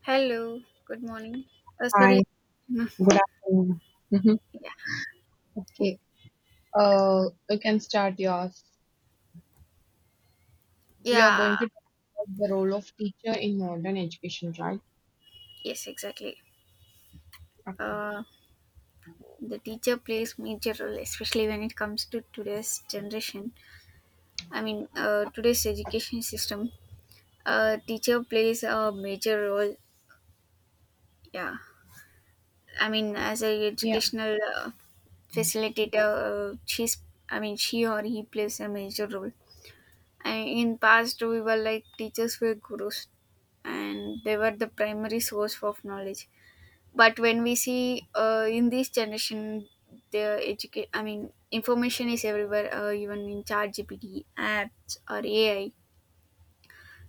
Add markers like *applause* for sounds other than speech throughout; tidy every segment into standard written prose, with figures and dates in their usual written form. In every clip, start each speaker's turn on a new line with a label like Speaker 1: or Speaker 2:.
Speaker 1: Hello, good morning. Sorry.
Speaker 2: Hi,
Speaker 1: *laughs* Mm,
Speaker 2: good afternoon. Mhm.
Speaker 1: Yeah.
Speaker 2: Okay, you can start yours. We are
Speaker 1: Yeah.
Speaker 2: going to talk about the role of teacher in modern education, right?
Speaker 1: Yes, exactly.
Speaker 2: Okay.
Speaker 1: Uh, the teacher plays major role, especially when it comes to today's generation. Today's education system. Teacher plays a major role. Yeah. I mean, as a
Speaker 2: Yeah,
Speaker 1: educational facilitator, she's. I mean, she or he plays a major role. And in past, we were like teachers were gurus, and they were the primary source of knowledge, but when we see in this generation, the educate I mean information is everywhere, even in chat gpt apps or ai,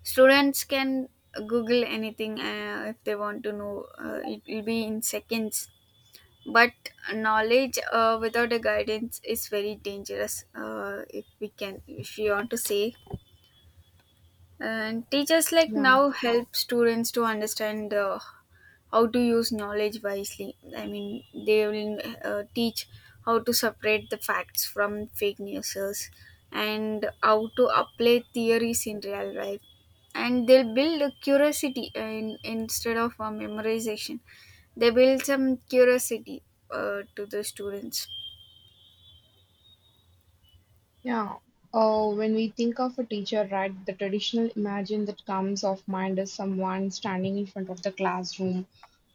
Speaker 1: students can google anything. If they want to know, it will be in seconds. But knowledge without a guidance is very dangerous, if we can if you want to say. And teachers like
Speaker 2: yeah,
Speaker 1: now help students to understand how to use knowledge wisely. I mean, they will teach how to separate the facts from fake newses, and how to apply theories in real life. And they'll build a curiosity, instead of a memorization, they build some curiosity to the students.
Speaker 2: yeah. When we think of a teacher, right, the traditional imagine that comes of mind is someone standing in front of the classroom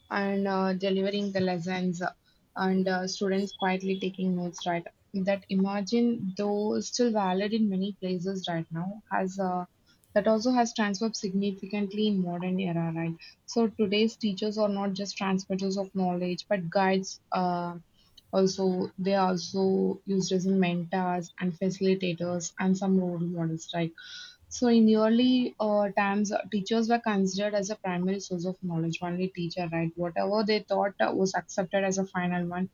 Speaker 2: and delivering the lessons, and students quietly taking notes, right? That imagine, though still valid in many places right now, has that also has transformed significantly in modern era, right? So today's teachers are not just transmitters of knowledge but guides, also they are also used as mentors and facilitators and some role models, right? So in early times, teachers were considered as a primary source of knowledge. Only teacher, right? Whatever they thought was accepted as a final one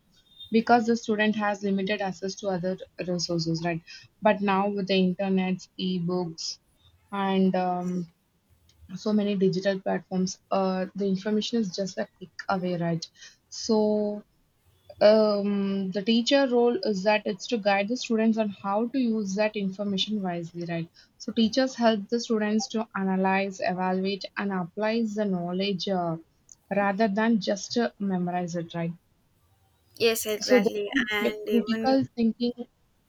Speaker 2: because the student has limited access to other resources, right? But now with the internet, e-books, and so many digital platforms, the information is just a click away, right? So the teacher role is that it's to guide the students on how to use that information wisely, right? So teachers help the students to analyze, evaluate, and apply the knowledge, rather than just memorize it, right?
Speaker 1: Yes,
Speaker 2: So
Speaker 1: exactly.
Speaker 2: the
Speaker 1: And even,
Speaker 2: critical thinking,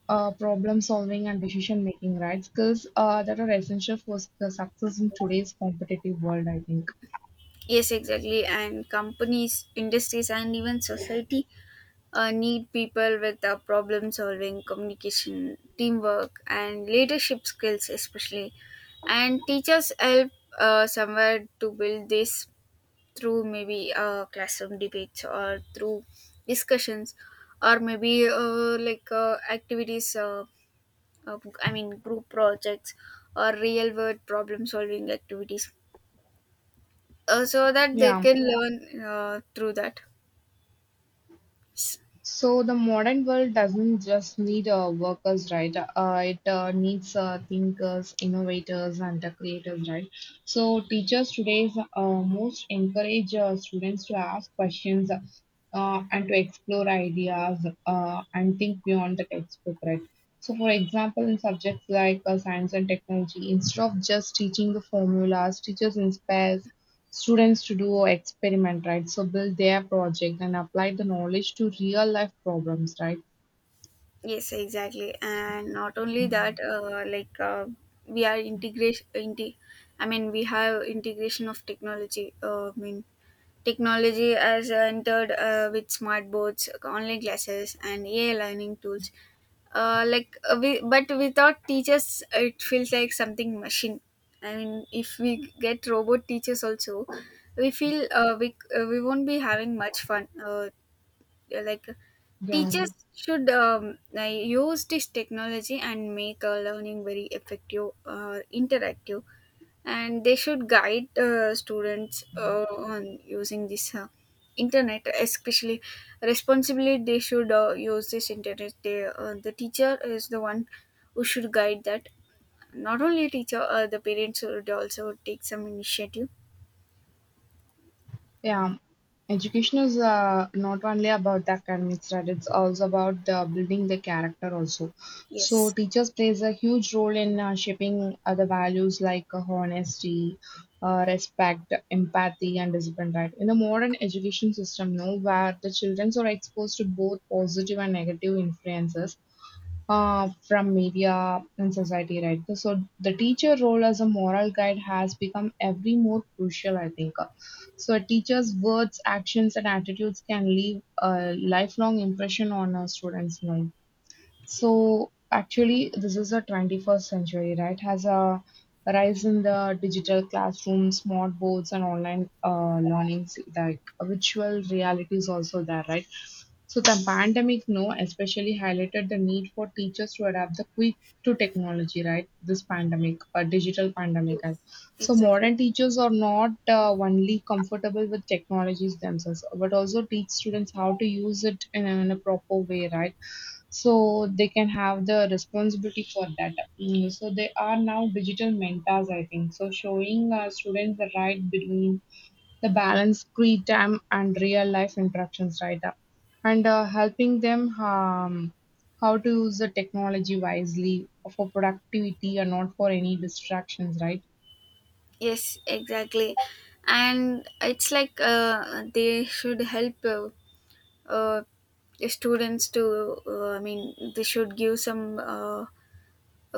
Speaker 2: problem solving, and decision making, right? Skills that are essential for the success in today's competitive world, I think.
Speaker 1: yes, exactly. And companies, industries, and even society need people with problem solving, communication, teamwork, and leadership skills, especially. And teachers help somewhere to build this through maybe classroom debates or through discussions, or maybe activities, group projects or real world problem solving activities, so that they
Speaker 2: Yeah.
Speaker 1: can learn through that.
Speaker 2: So the modern world doesn't just need workers, right? It needs thinkers, innovators, and creators, right? So teachers today most encourage students to ask questions and to explore ideas and think beyond the textbook, right? So, for example, in subjects like science and technology, instead of just teaching the formulas, teachers inspire students to do experiment, right? So build their project and apply the knowledge to real life problems, right?
Speaker 1: Yes, exactly. And not only that, we are I mean, we have integration of technology. I mean, technology has entered with smart boards, online classes, and AI learning tools. But without teachers, it feels like something machine. I mean, if we get robot teachers also, we feel we won't be having much fun. Like
Speaker 2: Yeah.
Speaker 1: Teachers should use this technology and make learning very effective or interactive, and they should guide students on using this internet, especially responsibly. They should use this internet. The teacher is the one who should guide that. Not only teacher, the parents should also take some initiative.
Speaker 2: Yeah, education is not only about the academics, right? It's also about the building the character also. So
Speaker 1: Yes,
Speaker 2: teachers plays a huge role in shaping other values like honesty, respect, empathy, and discipline, right? In the modern education system, now where the children are exposed to both positive and negative influences, from media and society, right? So the teacher role as a moral guide has become every more crucial, I think. So a teacher's words, actions, and attitudes can leave a lifelong impression on our students' life. So actually, this is a 21st century, right? Has a rise in the digital classroom, smart boards, and online learnings, like virtual reality is also there, right? So the pandemic, no, especially highlighted the need for teachers to adapt the quick to technology, right? This pandemic, a digital pandemic, and
Speaker 1: yes,
Speaker 2: so
Speaker 1: exactly.
Speaker 2: modern teachers are not only comfortable with technologies themselves, but also teach students how to use it in a proper way, right? So they can have the responsibility for that. Mm, so they are now digital mentors, I think. So showing our students the right between the balance free time and real life interactions, right? And helping them, how to use the technology wisely for productivity and not for any distractions, right?
Speaker 1: Yes, exactly. And it's like they should help uh, students to, they should give some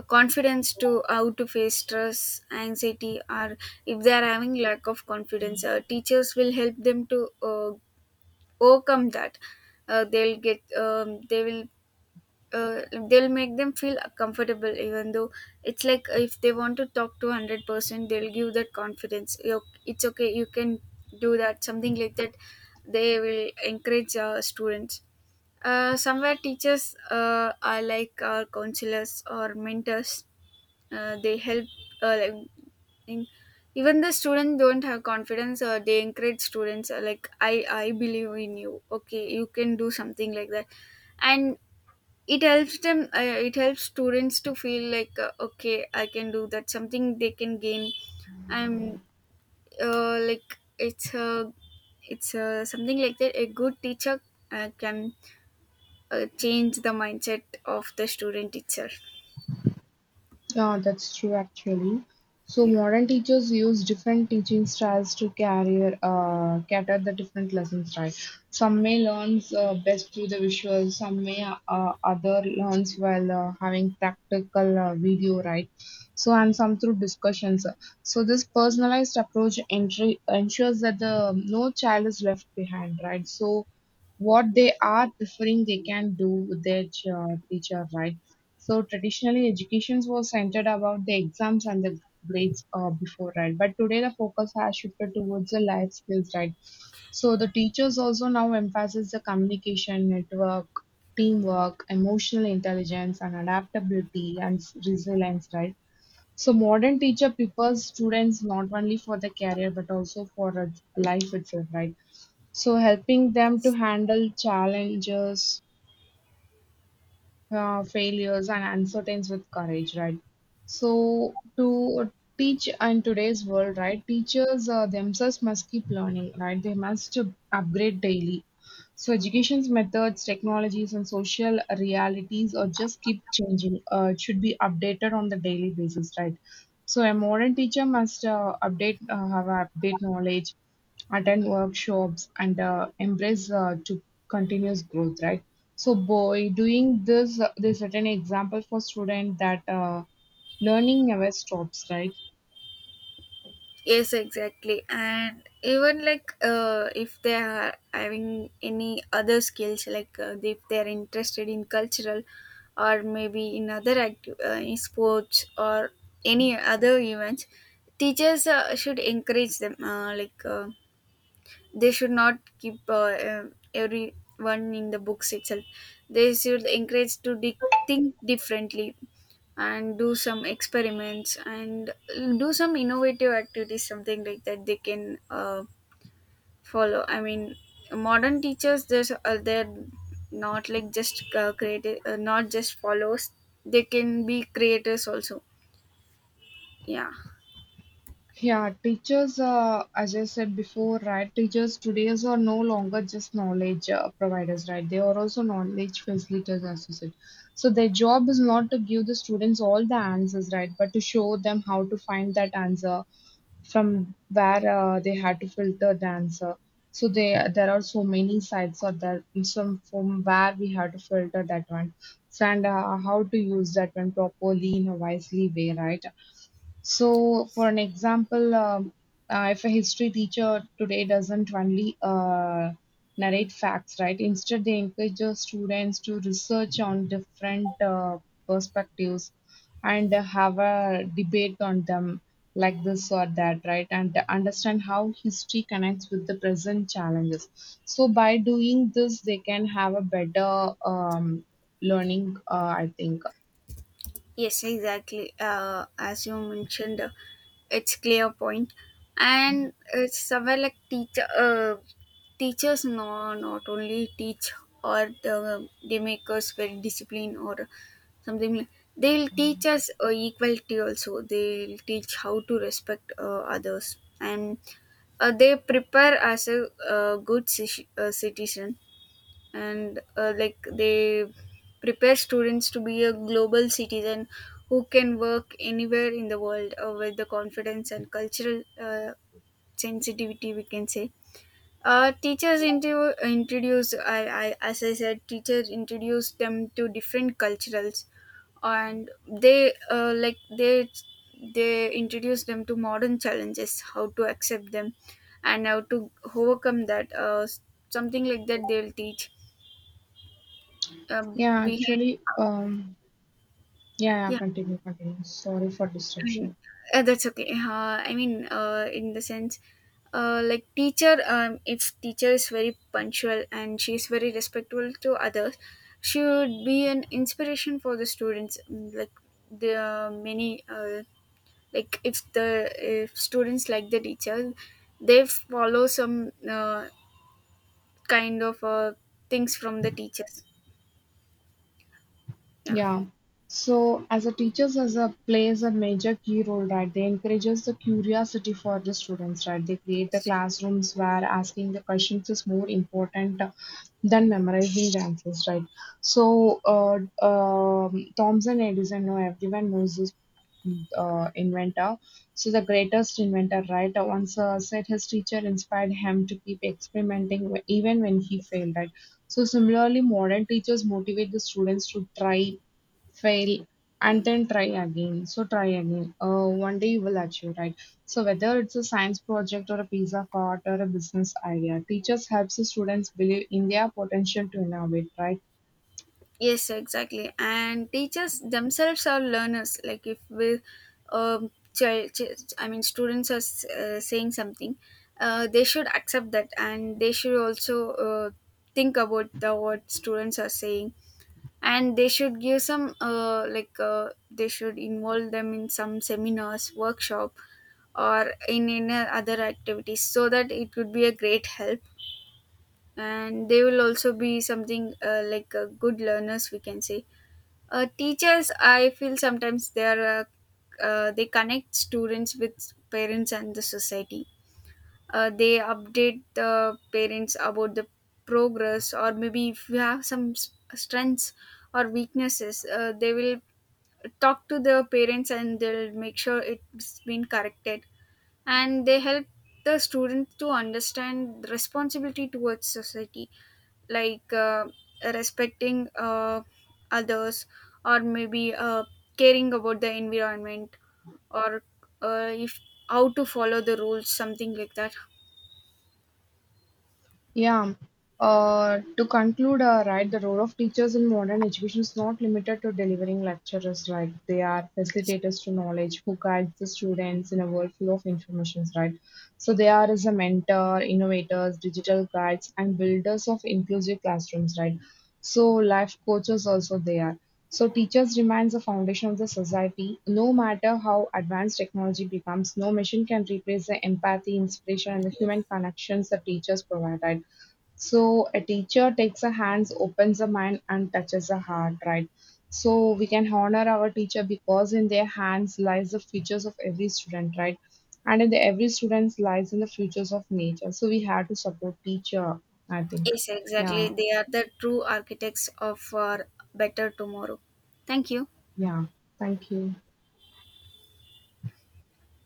Speaker 1: confidence to how to face stress, anxiety, or if they are having lack of confidence, teachers will help them to overcome that. They'll get they will uh, they'll make them feel comfortable, even though it's like if they want to talk, to 100% they'll give that confidence. It's okay, you can do that, something like that. They will encourage students. Somewhere teachers are like our counselors or mentors. They help, uh, like in, even the students don't have confidence, or they encourage students, like I believe in you, okay, you can do, something like that. And it helps them, it helps students to feel like, okay, I can do that, something they can gain. And uh, like it's a it's a, something like that, a good teacher can change the mindset of the student itself.
Speaker 2: Yeah, that's true actually. So modern teachers use different teaching styles to carry cater the different lessons, right? Some may learns best through the visual, some may other learns while having practical video, right? So and some through discussions. So this personalized approach entry ensures that the no child is left behind, right? So what they are preferring, they can do with their teacher, right? So traditionally, education was centered about the exams and the grades, before, right? But today the focus has shifted towards the life skills, right? So the teachers also now emphasize the communication, network, teamwork, emotional intelligence, and adaptability and resilience, right? So modern teacher prepares students not only for the career but also for life itself, right? So helping
Speaker 1: Yeah.
Speaker 2: them to handle challenges, failures and uncertainties with courage, right? So to teach in today's world, right, teachers themselves must keep learning, right? They must upgrade daily. So education's methods, technologies, and social realities are just keep changing. It should be updated on the daily basis, right? So a modern teacher must update have update knowledge, attend workshops and embrace to continuous growth, right? So by doing this, they set an example for student that learning never stops, right?
Speaker 1: Yes, exactly. And even like, if they are having any other skills, like, if they are interested in cultural, or maybe in other active in sports, or any other events, teachers should encourage them. They should not keep everyone in the books itself. They should encourage to think differently, and do some experiments, and do some innovative activities, something like that they can follow. I mean, modern teachers there's they're not like just creative not just follows, they can be creators also. Yeah.
Speaker 2: Yeah, teachers, as I said before, right, teachers today are no longer just knowledge providers, right? They are also knowledge facilitators, as you said. So their job is not to give the students all the answers, right, but to show them how to find that answer from where they had to filter dancer. So they, there are so many sites out there. Some from where we have to filter that one and how to use that one properly in a wisely way, right? So, for an example, if a history teacher today doesn't only narrate facts, right? Instead, they encourage the students to research on different perspectives and have a debate on them, like this or that, right? And to understand how history connects with the present challenges. So, by doing this, they can have a better, learning, I think.
Speaker 1: Yes, exactly. As you mentioned, it's clear point, and it's somewhere like teacher. Teachers no, not only teach they make us very disciplined or something. Like, they'll teach us equality also. They'll teach how to respect others, and they prepare us a, uh, good citizen. And like they prepare students to be a global citizen, who can work anywhere in the world with the confidence and cultural sensitivity, we can say. Teachers introduce, I as I said, teachers introduce them to different culturals. And they they introduce them to modern challenges, how to accept them and how to overcome that, something like that they'll teach.
Speaker 2: Yeah,
Speaker 1: Behind
Speaker 2: actually. Yeah, yeah,
Speaker 1: Yeah,
Speaker 2: continue. Sorry for
Speaker 1: I
Speaker 2: disruption.
Speaker 1: mean, that's okay. In the sense, teacher, if teacher is very punctual and she is very respectful to others, she would be an inspiration for the students. Mm, like there are many, like if the if students like the teacher, they follow some kind of uh, things from the teachers. Yeah.
Speaker 2: Yeah. So as a teachers as a plays a major key role, right? They encourages the curiosity for the students, right? They create the
Speaker 1: Yes.
Speaker 2: classrooms where asking the questions is more important than memorizing the answers, right? So, Thomson Edison, no, everyone knows this inventor. So, the greatest inventor, right? Once said his teacher inspired him to keep experimenting even when he failed, right? So, similarly, modern teachers motivate the students to try, fail, and then try again, one day you will achieve, right? So whether it's a science project or a piece of art or a business idea, teachers helps the students believe in their potential to innovate, right?
Speaker 1: Yes, exactly. And teachers themselves are learners. Like if we, I mean, students are saying something, they should accept that, and they should also uh, think about the what students are saying. And they should give some, they should involve them in some seminars, workshop, or in other activities, so that it would be a great help. And they will also be something good learners, we can say. Teachers, I feel, sometimes they are, they connect students with parents and the society. They update the parents about the progress, or maybe if you have some strengths or weaknesses, they will talk to the parents, and they'll make sure it's been corrected. And they help the students to understand the responsibility towards society, like, respecting others, or maybe, caring about the environment, or if how to follow the rules, something like that.
Speaker 2: Yeah. To conclude, right, the role of teachers in modern education is not limited to delivering lectures, like they are facilitators to knowledge who guides the students in a world full of informations, right? So they are as a mentor, innovators, digital guides, and builders of inclusive classrooms, right? So life coaches also they are. So teachers remains the foundation of the society. No matter how advanced technology becomes, no machine can replace the empathy, inspiration, and the human
Speaker 1: Yes.
Speaker 2: connections that teachers provide, right? So a teacher takes a hands, opens a mind, and touches a heart, right? So we can honor our teacher because in their hands lies the futures of every student, right? And in the every student lies in the futures of nature. So we have to support teacher, I think.
Speaker 1: Yes, exactly,
Speaker 2: Yeah,
Speaker 1: they are the true architects of our better tomorrow. Thank you.
Speaker 2: yeah. Thank you.